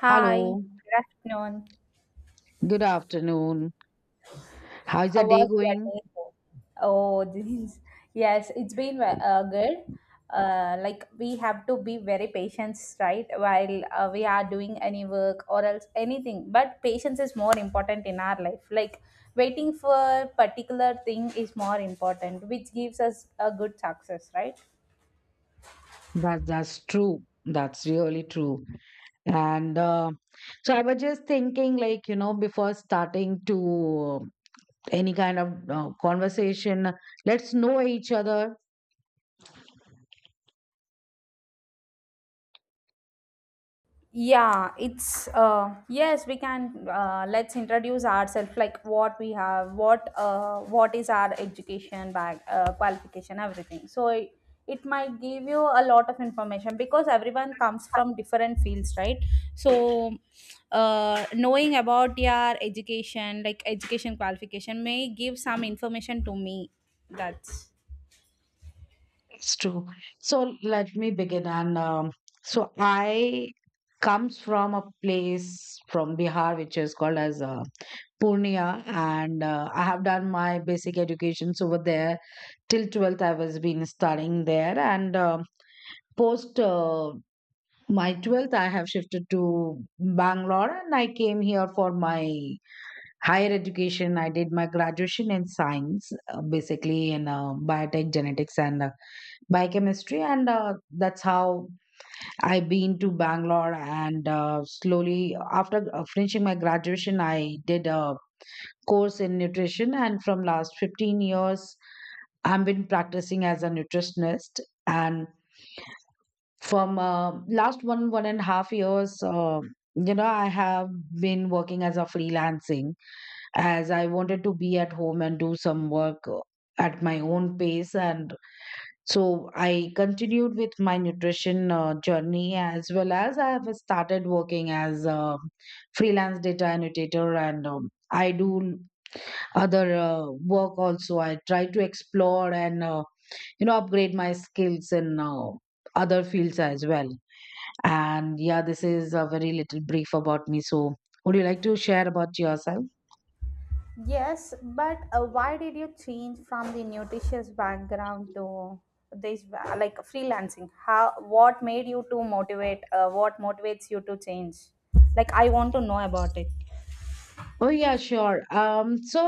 Hi, good afternoon. good afternoon. How's the How day was your going? day? Oh, yes, it's been good. Like we have to be very patient, right? While we are doing any work or else anything, but patience is more important in our life. Like waiting for particular thing is more important, which gives us a good success, right? That's true. That's really true. And so I was just thinking, like, before starting to any kind of conversation, let's know each other. Yeah, it's yes we can let's introduce ourselves, like what we have, what is our education back qualification, everything, so it might give you a lot of information because everyone comes from different fields, right? So knowing about your education, like education qualification, may give some information to me. That's... It's true. So let me begin. And so I comes from a place from Bihar, which is called as Purnia, and I have done my basic educations over there till 12th. I was been studying there, and post my 12th, I have shifted to Bangalore, and I came here for my higher education. I did my graduation in science, basically in biotech genetics and biochemistry and that's how I been to bangalore and slowly after finishing my graduation I did a course in nutrition and from last 15 years I've been practicing as a nutritionist and from last one and a half years I have been working as a freelancing as I wanted to be at home and do some work at my own pace and so I continued with my nutrition journey as well as I have started working as a freelance data annotator and I do other work also. I try to explore and upgrade my skills in other fields as well. And yeah, this is a very little brief about me. So would you like to share about yourself? Yes, but why did you change from the nutritious background to this like freelancing? How what made you to motivate? What motivates you to change? Like I want to know about it. Oh yeah, sure. So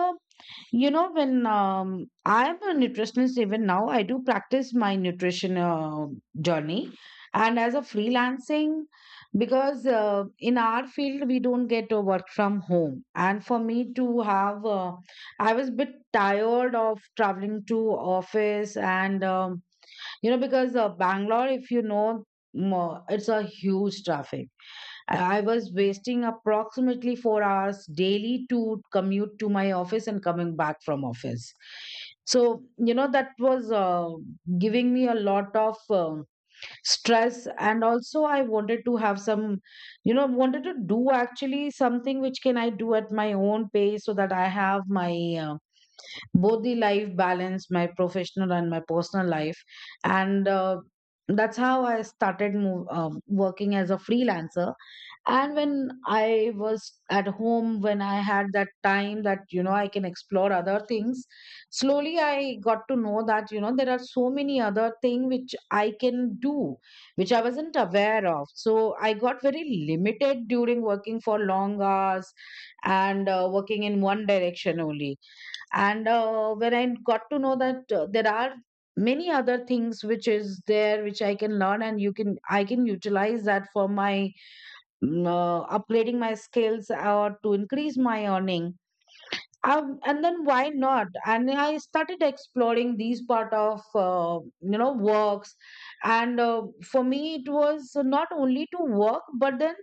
When I am a nutritionist, even now, I do practice my nutrition journey. And as a freelancing, because in our field, we don't get to work from home. And for me to have, I was a bit tired of traveling to office. Because Bangalore, if you know, it's a huge traffic. I was wasting approximately 4 hours daily to commute to my office and coming back from office. So, that was giving me a lot of stress. And also, I wanted to have some, wanted to do actually something which can I do at my own pace so that I have my uh, both the life balance, my professional and my personal life. And that's how I started working as a freelancer and when I was at home when I had that time that I can explore other things slowly I got to know that there are so many other things which I can do which I wasn't aware of. So I got very limited during working for long hours and working in one direction only. And When I got to know that there are many other things which is there which I can learn and you can I can utilize that for my upgrading my skills or to increase my earning. And then why not? And I started exploring these part of works. And For me it was not only to work, but then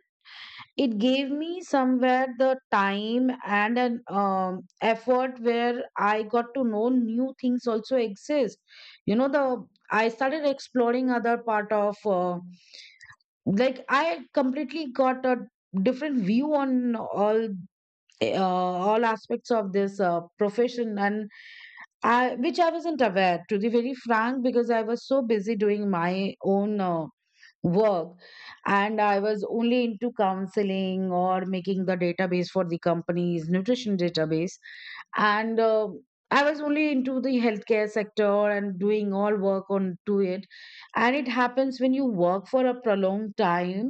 it gave me somewhere the time and an effort where I got to know new things also exist. You know the I started exploring other part of like I completely got a different view on all aspects of this profession and I which I wasn't aware, to be very frank, because I was so busy doing my own work. And I was only into counseling or making the database for the company's nutrition database, and I was only into the healthcare sector and doing all work on to it. And it happens when you work for a prolonged time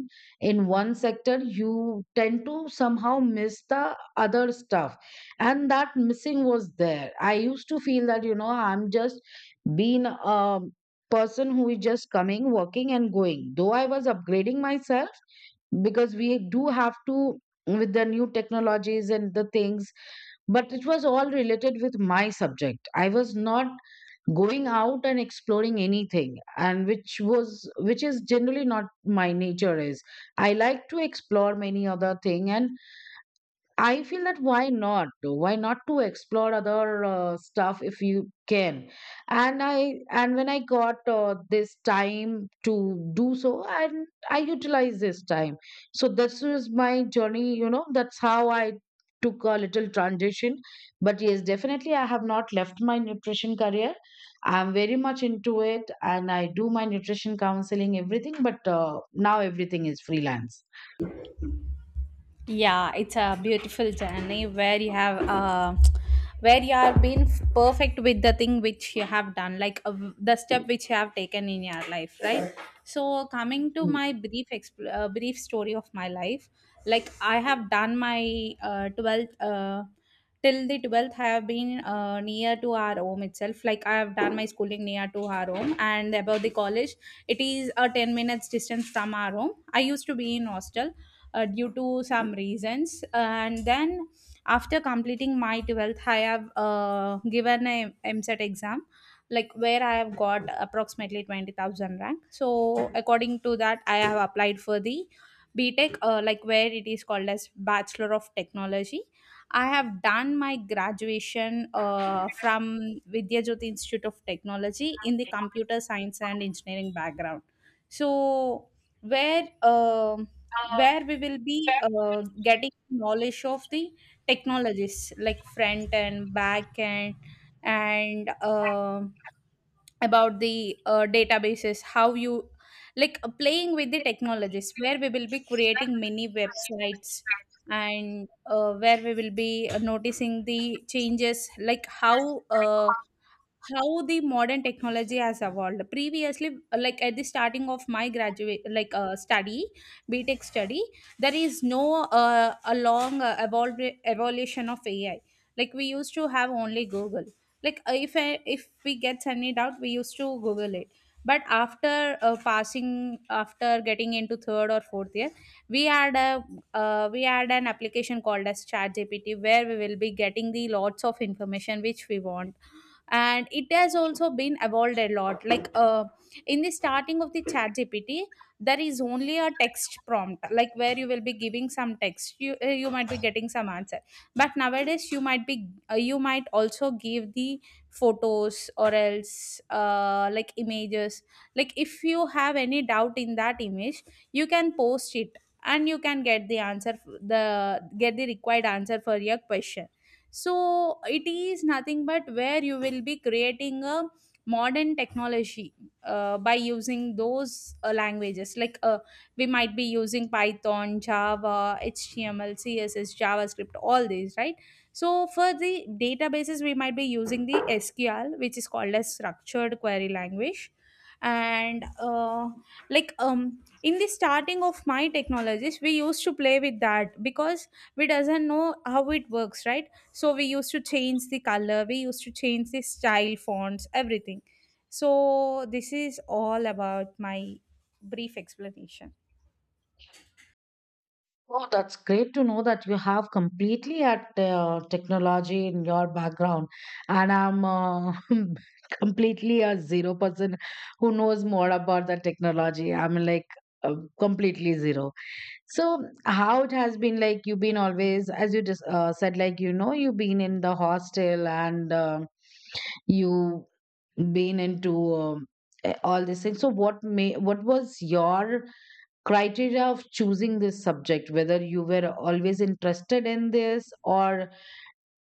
in one sector, you tend to somehow miss the other stuff. And that missing was there. I used to feel that I'm just being person who is just coming, working, and going. Though I was upgrading myself, because we do have to with the new technologies and the things, but it was all related with my subject. I was not going out and exploring anything, and which is generally not my nature is. I like to explore many other thing, and I feel that why not? Why not to explore other stuff if you can? And when I got this time to do so, and I utilize this time. So this is my journey. That's how I took a little transition. But yes, definitely, I have not left my nutrition career. I'm very much into it, and I do my nutrition counseling, everything. But now everything is freelance. Yeah, it's a beautiful journey where you have where you are being perfect with the thing which you have done, like the step which you have taken in your life, right? So, coming to my brief story of my life, like I have done my 12th. Till the 12th I have been near to our home itself. Like I have done my schooling near to our home, and about the college, it is a 10 minutes distance from our home. I used to be in hostel due to some reasons, and then after completing my 12th I have given a mset exam, like where I have got approximately 20,000 rank. So according to that I have applied for the btech, like where it is called as bachelor of technology. I have done my graduation from vidya jyoti institute of technology in the computer science and engineering background. So where um where we will be getting knowledge of the technologies like front end, back end, and about the databases, how you, like playing with the technologies, where we will be creating many websites, and where we will be noticing the changes, like how the modern technology has evolved previously. Like at the starting of my graduate like study, B Tech study, there is no a long evolution of ai. Like we used to have only google, like if we get any doubt we used to google it. But after passing after getting into third or fourth year, we had a we had an application called as ChatGPT, where we will be getting the lots of information which we want. And it has also been evolved a lot, like in the starting of the ChatGPT there is only a text prompt, like where you will be giving some text, you might be getting some answer. But nowadays you might be you might also give the photos or else like images. Like if you have any doubt in that image, you can post it and you can get the required answer for your question. So it is nothing but where you will be creating a modern technology by using those languages like we might be using python, java, html, css, javascript, all these, right? So for the databases we might be using the sql, which is called as structured query language. And in the starting of my technologies we used to play with that because we doesn't know how it works, right? So we used to change the color, we used to change the style, fonts, everything. So this is all about my brief explanation. Oh, that's great to know that you have completely at technology in your background, and I'm completely a zero person who knows more about the technology. I'm like completely zero. So how it has been? Like you've been always, as you just said, like you've been in the hostel and you been into all these things. So what was your criteria of choosing this subject, whether you were always interested in this, or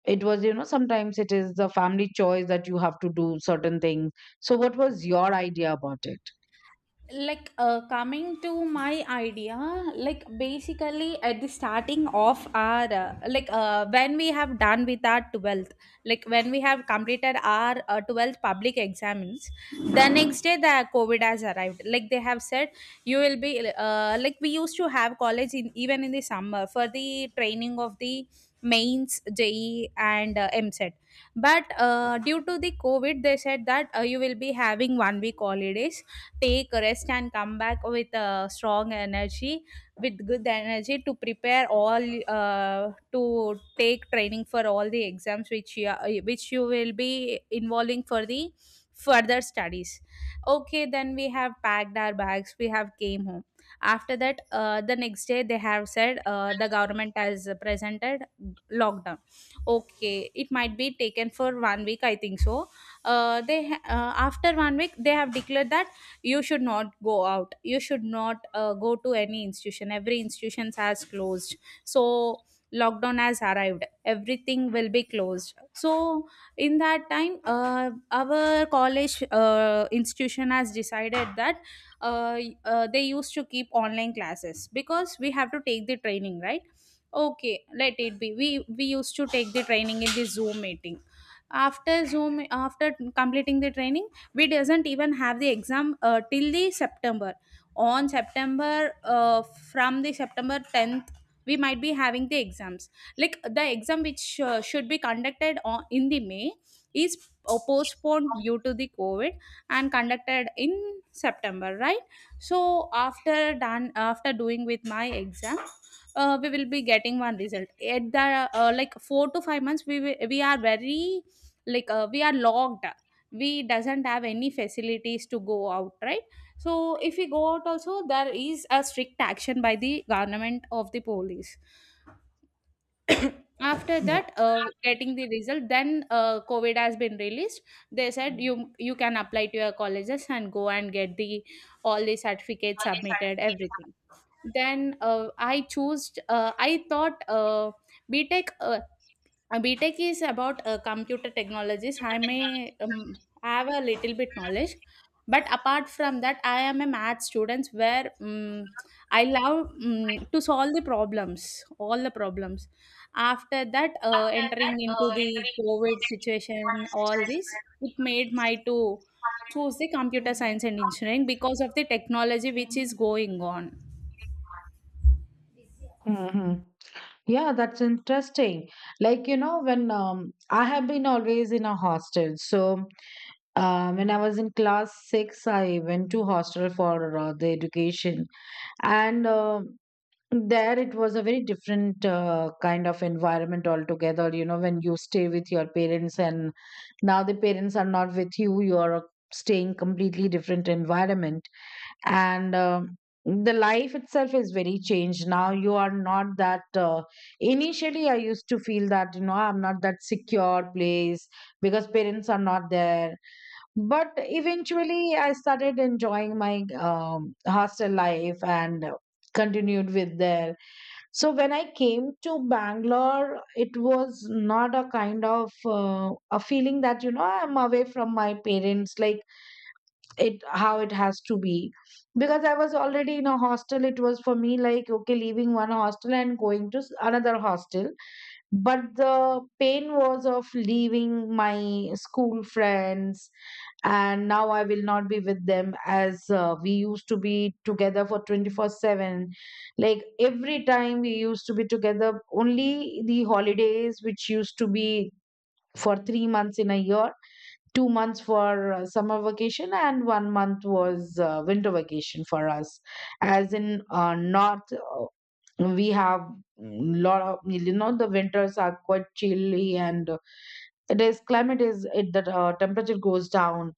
it was, sometimes it is the family choice that you have to do certain things. So what was your idea about it? Like coming to my idea, like basically at the starting of our, when we have done with our 12th, like when we have completed our 12th public exams, the next day the covid has arrived. Like they have said you will be like we used to have college in even in the summer for the training of the mains je and mset. But due to the covid they said that you will be having 1 week holidays, take a rest and come back with a strong energy, with good energy, to prepare all to take training for all the exams which which you will be involving for the further studies. Okay, then we have packed our bags, we have came home. After that the next day they have said the government has presented lockdown. Okay, it might be taken for 1 week I think so. After 1 week they have declared that you should not go out, you should not go to any institution, every institution has closed. So lockdown has arrived, everything will be closed. So in that time our college institution has decided that they used to keep online classes, because we have to take the training, right? Okay, let it be, we used to take the training in the zoom meeting. After completing the training, we doesn't even have the exam till the september. On september, from the september 10th we might be having the exams. Like the exam which should be conducted in the may is postponed due to the covid and conducted in september, right? So after doing with my exam, we will be getting one result at the, like 4 to 5 months we are very, like we are locked, we doesn't have any facilities to go out, right? So if we go out also there is a strict action by the government of the police. After Yeah. that getting the result, then covid has been released. They said you you can apply to your colleges and go and get the all the certificates submitted, everything. Then I chose I thought btech BTech is about computer technologies. I may have a little bit knowledge, but apart from that, I am a math student where I love to solve the problems, all the problems. After that, entering into the COVID situation, all this, it made my to choose the computer science and engineering because of the technology which is going on. Hmm. Yeah, that's interesting. Like when I have been always in a hostel. So when I was in class 6 I went to hostel for the education. And There it was a very different kind of environment altogether. When you stay with your parents and now the parents are not with you, you are staying completely different environment. And The life itself is very changed. Now you are not that initially I used to feel that I'm not that secure place because parents are not there. But eventually I started enjoying my hostel life and continued with there. So when I came to Bangalore, it was not a kind of a feeling that I'm away from my parents, like it how it has to be, because I was already in a hostel. It was for me like okay, leaving one hostel and going to another hostel, but the pain was of leaving my school friends, and now I will not be with them as we used to be together for 24/7. Like every time we used to be together, only the holidays, which used to be for 3 months in a year, 2 months for summer vacation, and 1 month was winter vacation for us. As in north we have lot of, the winters are quite chilly, and it is climate is it the temperature goes down.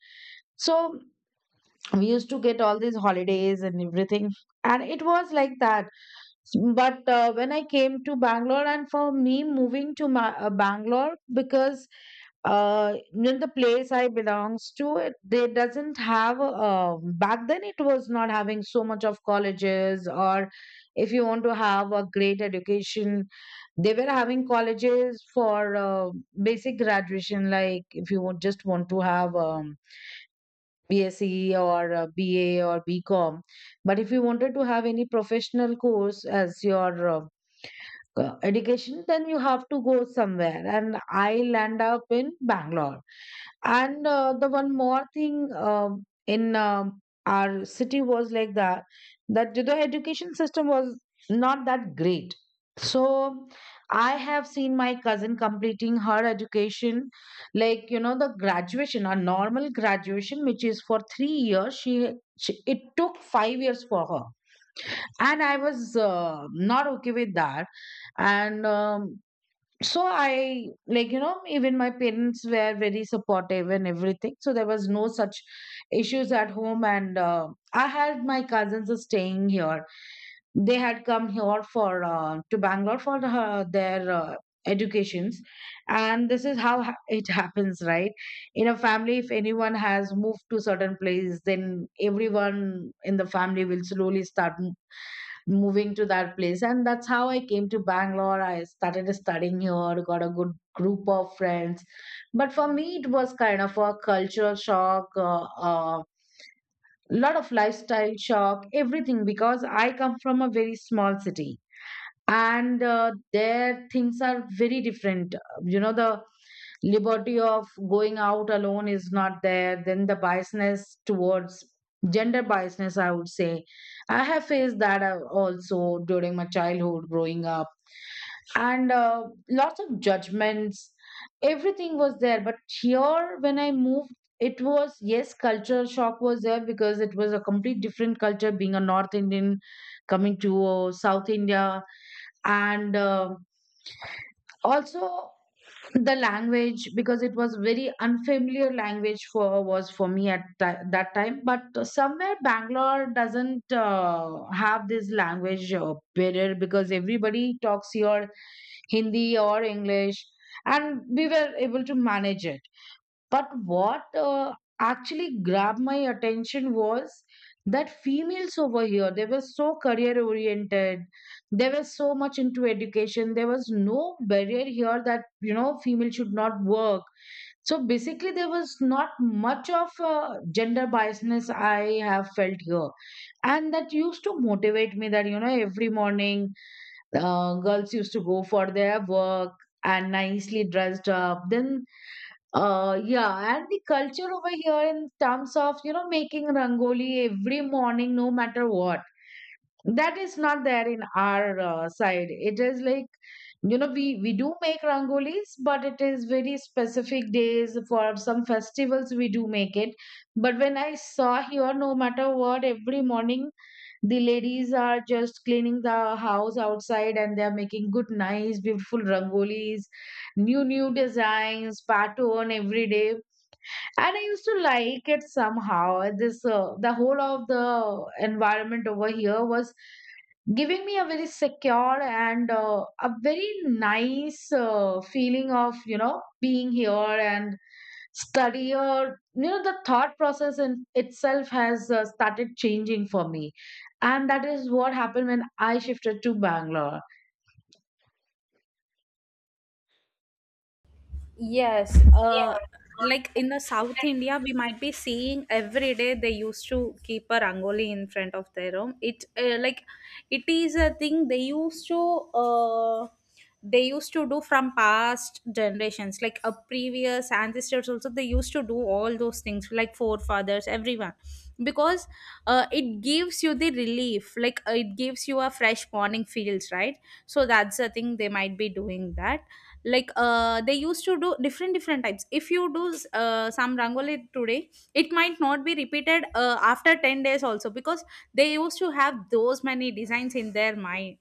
So we used to get all these holidays and everything, and it was like that. But when I came to bangalore and for me moving to bangalore, because the place I belongs to it, they doesn't have back then it was not having so much of colleges. Or if you want to have a great education, they were having colleges for basic graduation, like if you want, just want to have BSc or BA or BCom. But if you wanted to have any professional course as your education, then you have to go somewhere. And I land up in Bangalore. And the one more thing in our city was like that, that the education system was not that great. So I have seen my cousin completing her education, like the graduation, a normal graduation, which is for 3 years. She It took 5 years for her, and I was not okay with that, and so I, like, even my parents were very supportive and everything, so there was no such issues at home. And I had my cousins are staying here. They had come here for to Bangalore for their educations. And this is how it happens, right? In a family, if anyone has moved to certain place, then everyone in the family will slowly start moving to that place. And that's how I came to Bangalore. I started studying here, got a good group of friends. But for me, it was kind of a cultural shock, a lot of lifestyle shock, everything, because I come from a very small city. And there things are very different. You know, the liberty of going out alone is not there, then the biasness towards gender biasness, I would say, I have faced that also during my childhood growing up. And lots of judgments, everything was there. But here when I moved, it was, yes, cultural shock was there because it was a complete different culture, being a North Indian coming to South India. And also the language, because it was very unfamiliar language for was for me at that time. But somewhere Bangalore doesn't have this language barrier because everybody talks your Hindi or English, and we were able to manage it. But what actually grabbed my attention was that females over here, they were so career oriented, they were so much into education. There was no barrier here that, you know, female should not work. So basically, there was not much of gender biasness I have felt here. And that used to motivate me that, you know, every morning girls used to go for their work and nicely dressed up. Then yeah, and the culture over here in terms of, you know, making rangoli every morning, no matter what, that is not there in our side. It is like, you know, we do make rangolis, but it is very specific days for some festivals we do make it. But when I saw here, no matter what, every morning the ladies are just cleaning the house outside and they're making good, nice, beautiful rangolis, new, new designs, pattern every day. And I used to like it somehow. This the whole of the environment over here was giving me a very secure and a very nice feeling of, you know, being here and study, or, you know, the thought process in itself has started changing for me. And that is what happened when I shifted to Bangalore. Yes, like in the South India, we might be seeing every day they used to keep a rangoli in front of their room. It, like it is a thing uh, they used to do from past generations, like a previous ancestors also they used to do all those things, like forefathers, everyone, because it gives you the relief, like it gives you a fresh morning feels, right? So that's the thing they might be doing that. Like they used to do different different types. If you do some rangoli today, it might not be repeated after 10 days also, because they used to have those many designs in their mind.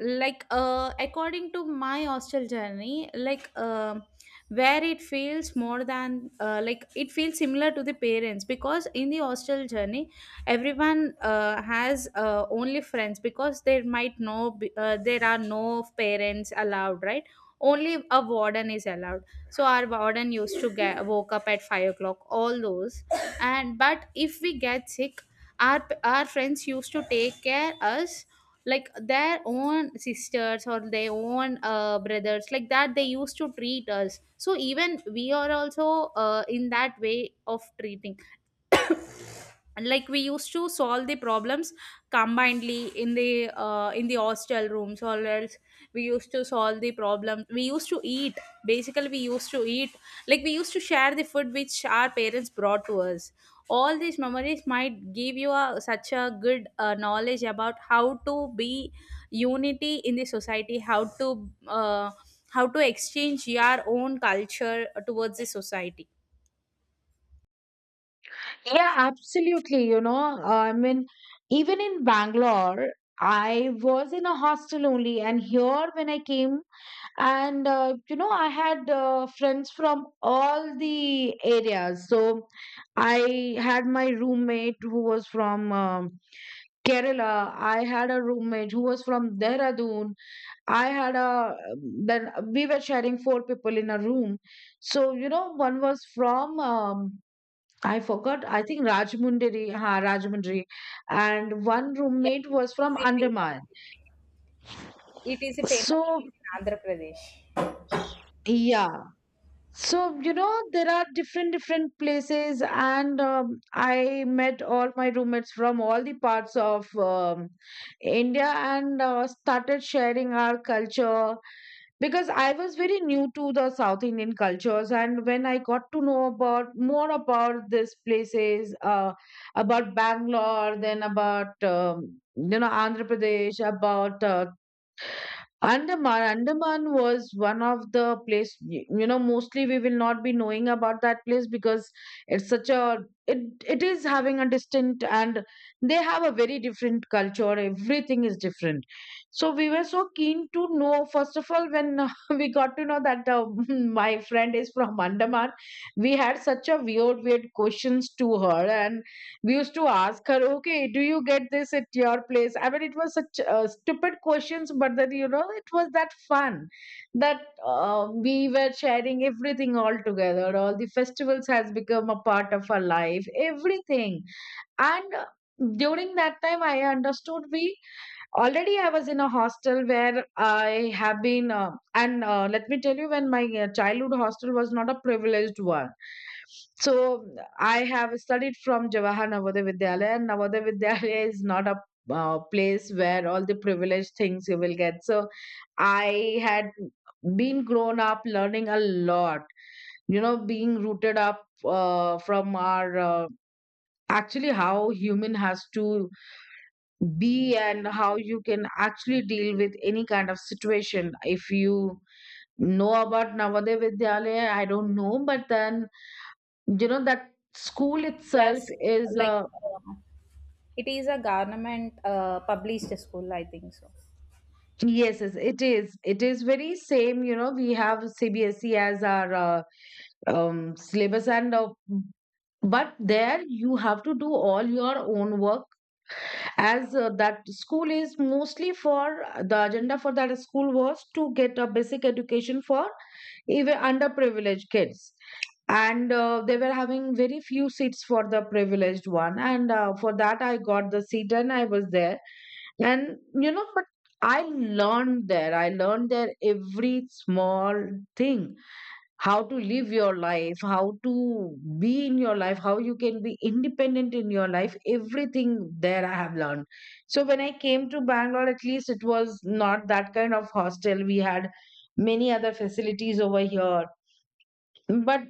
Like according to my hostel journey, where it feels more than like it feels similar to the parents, because in the hostel journey everyone has only friends, because there might no be- there are no parents allowed, right? Only a warden is allowed. So our warden used to get woke up at 5 o'clock, all those. And but if we get sick, our friends used to take care us, like their own sisters or their own brothers, like that they used to treat us, so even we are also in that way of treating. And like we used to solve the problems combinedly in the hostel rooms, or else we used to solve the problem, we used to eat, basically we used to eat, like we used to share the food which our parents brought to us. All these memories might give you a, such a good knowledge about how to be unity in the society, how to exchange your own culture towards the society. Yeah, absolutely. You know, I mean, even in Bangalore, I was in a hostel only. And here, when I came, and you know, I had friends from all the areas. So I had my roommate who was from Kerala. I had a roommate who was from Dehradun. I had a, then we were sharing four people in a room. So, you know, one was from I forgot. I think Rajmundry, ha, Rajmundry, and one roommate was from Andaman. So, yeah. So, you know, there are different, different places, and I met all my roommates from all the parts of India, and started sharing our culture because I was very new to the South Indian cultures. And when I got to know about more about these places, about Bangalore, then about you know, Andhra Pradesh, about Andaman. Andaman was one of the place you know mostly we will not be knowing about that place, because it's such a, it it is having a distinct, and they have a very different culture, everything is different. So we were so keen to know. First of all, when we got to know that my friend is from Andaman, we had such a weird weird questions to her. We used to ask her, okay, do you get this at your place? I mean, it was such stupid questions. But then, you know, it was that fun that we were sharing everything all together. All the festivals has become a part of our life, everything. And during that time I understood, we already I was in a hostel where I have been and let me tell you, when my childhood hostel was not a privileged one. So I have studied from Jawahar Navodaya Vidyalaya, and Navodaya Vidyalaya is not a place where all the privileged things you will get. So I had been grown up learning a lot, you know, being rooted up from our actually how human has to be and how you can actually deal with any kind of situation. If you know about Navodaya Vidyalaya, I don't know, but then, you know, that school itself Yes, is like it is a government published school, I think so. yes, yes, it is very same. You know, we have CBSE as our syllabus, and but there you have to do all your own work, as that school is mostly for, the agenda for that school was to get a basic education for even underprivileged kids. And they were having very few seats for the privileged one, and for that I got the seat and I was there. And you know, but I learned there every small thing: how to live your life, how to be in your life, how you can be independent in your life. Everything there I have learned. So when I came to Bangalore, at least it was not that kind of hostel. We had many other facilities over here, but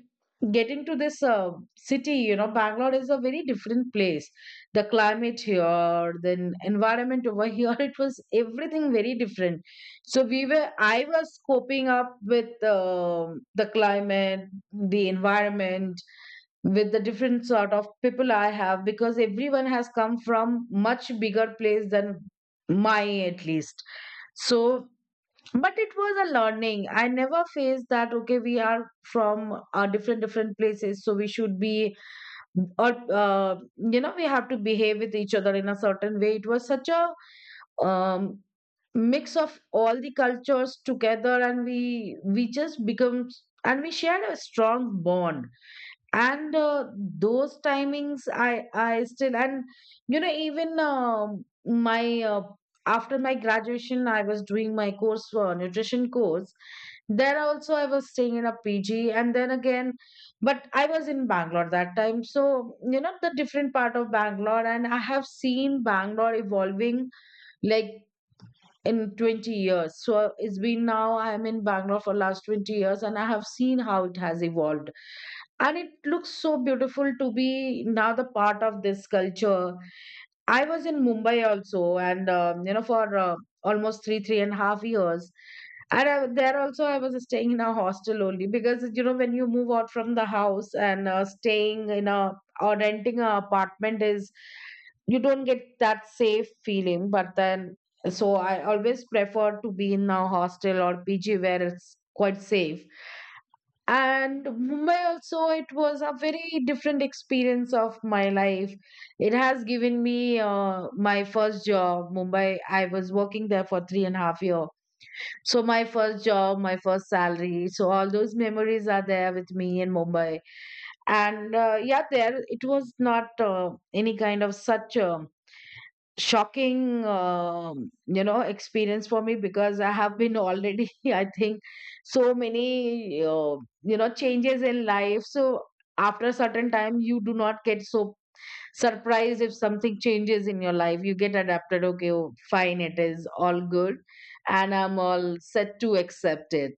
getting to this city, you know, Bangalore is a very different place. The climate here, the environment over here it was everything very different. So we were, I was coping up with the climate, the environment, with the different sort of people I have, because everyone has come from much bigger place than my, at least. So, but it was a learning. I never faced that, okay, we are from different different places, so we should be, or you know, we have to behave with each other in a certain way. It was such a um, mix of all the cultures together, and we just become, and we shared a strong bond. And those timings I still, and you know, even my after my graduation, I was doing my course for nutrition course. There also I was staying in a PG, and then again, but I was in Bangalore that time. So, you know, the different part of Bangalore, and I have seen Bangalore evolving, like, in 20 years. So it's been now I'm in Bangalore for last 20 years, and I have seen how it has evolved, and it looks so beautiful to be now the part of this culture. I was in Mumbai also, and you know, for almost 3.5 years. And there also I was staying in a hostel only, because you know, when you move out from the house, and staying in a, or renting a apartment is, you don't get that safe feeling. But then so I always prefer to be in a hostel or PG where it's quite safe. And Mumbai also, it was a very different experience of my life. It has given me my first job. Mumbai, I was working there for 3.5 year. So my first job, my first salary, so all those memories are there with me in Mumbai. And yeah, there it was not any kind of such a shocking you know, experience for me, because I have been already I think so many you know, changes in life. So after a certain time, you do not get so surprised if something changes in your life. You get adapted, okay, oh, fine, it is all good, and I'm all set to accept it.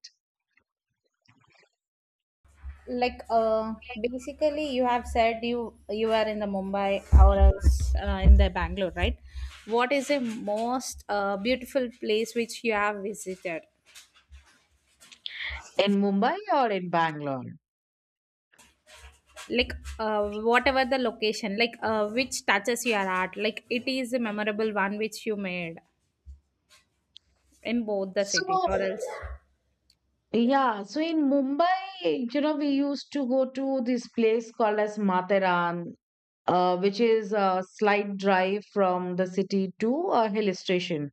Like basically, you have said you are in the Mumbai or else in the Bangalore, right? What is the most beautiful place which you have visited? In Mumbai or in Bangalore? Like whatever the location, like which touches your heart, like it is a memorable one which you made in both the So, cities, or else... yeah, so in Mumbai, you know, we used to go to this place called as Materan, which is a slight drive from the city to a hill station.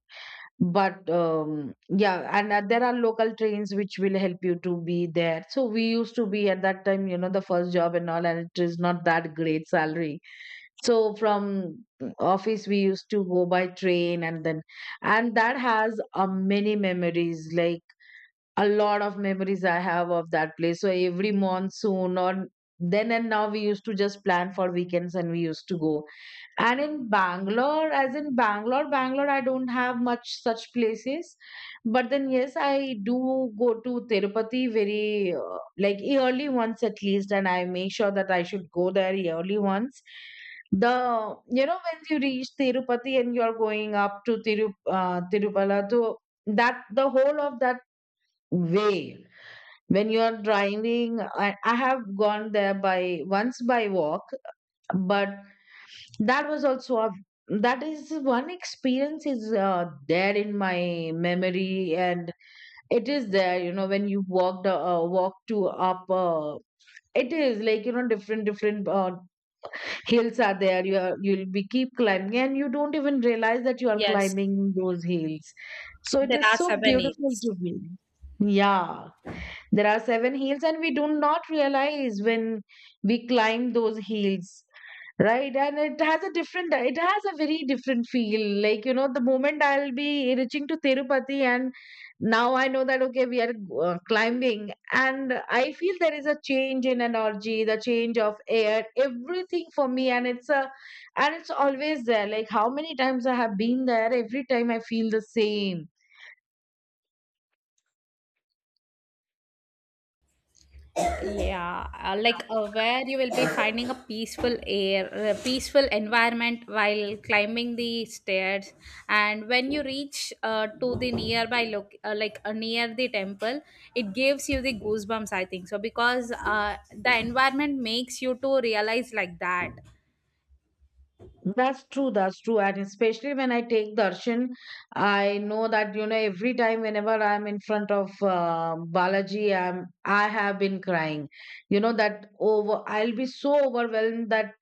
But yeah, and there are local trains which will help you to be there. So we used to be at that time, you know, the first job and all, and it is not that great salary. So from office we used to go by train, and then, and that has many memories, like a lot of memories I have of that place. So every monsoon or then and now, we used to just plan for weekends and we used to go. And in Bangalore, as in Bangalore, Bangalore, I don't have much such places. But then, yes, I do go to Tirupati very like, yearly once at least, and I make sure that I should go there yearly once. The, you know, when you reach Tirupati and you're going up to Tirupala to, that the whole of that way, when you're driving, I have gone there by once by walk. But that was also a, that is one experience is there in my memory. And it is there, you know, when you walk to up it is like, you know, different different hills are there, you'll be keep climbing, and you don't even realize that you are Yes, climbing those hills. So it there is are so beautiful souvenirs. to be. Yeah, there are seven hills, and we do not realize when we climb those hills, right? And it has a different, it has a very different feel. Like, you know, the moment I'll be reaching to Tirupati, and now I know that, okay, we are climbing, and I feel there is a change in energy, the change of air, everything for me. And it's a, and it's always there. Like, how many times I have been there, every time I feel the same. Yeah, like where you will be finding a peaceful air, a peaceful environment while climbing the stairs. And when you reach to the nearby look like near the temple, it gives you the goosebumps I think so, because the environment makes you to realize like that. That's true, that's true. And especially when I take darshan, I know that, you know, every time whenever I'm in front of Balaji, I have been crying. You know, that over, I'll be so overwhelmed that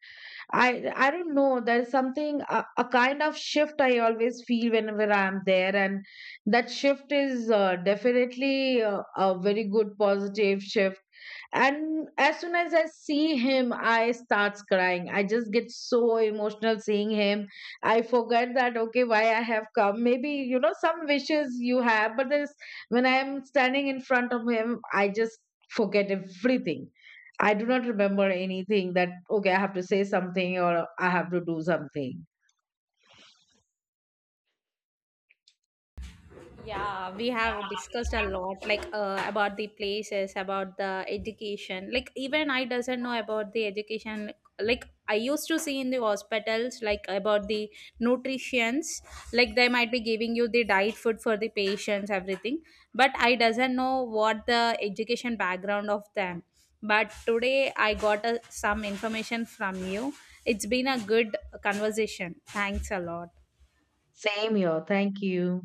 I don't know, there's something, a kind of shift I always feel whenever I'm there. And that shift is definitely a very good positive shift. And as soon as I see him, I starts crying, I just get so emotional seeing him. I forget that, okay, why I have come, maybe, you know, some wishes you have, but there's, when I am standing in front of him, I just forget everything. I do not remember anything that, okay, I have to say something or I have to do something. Yeah, we have discussed a lot, like about the places, about the education. Like even I doesn't know about the education. Like I used to see in the hospitals, like about the nutritions, like they might be giving you the diet food for the patients, everything. But I doesn't know what the education background of them. But today I got some information from you. It's been a good conversation. Thanks a lot. Same here, thank you.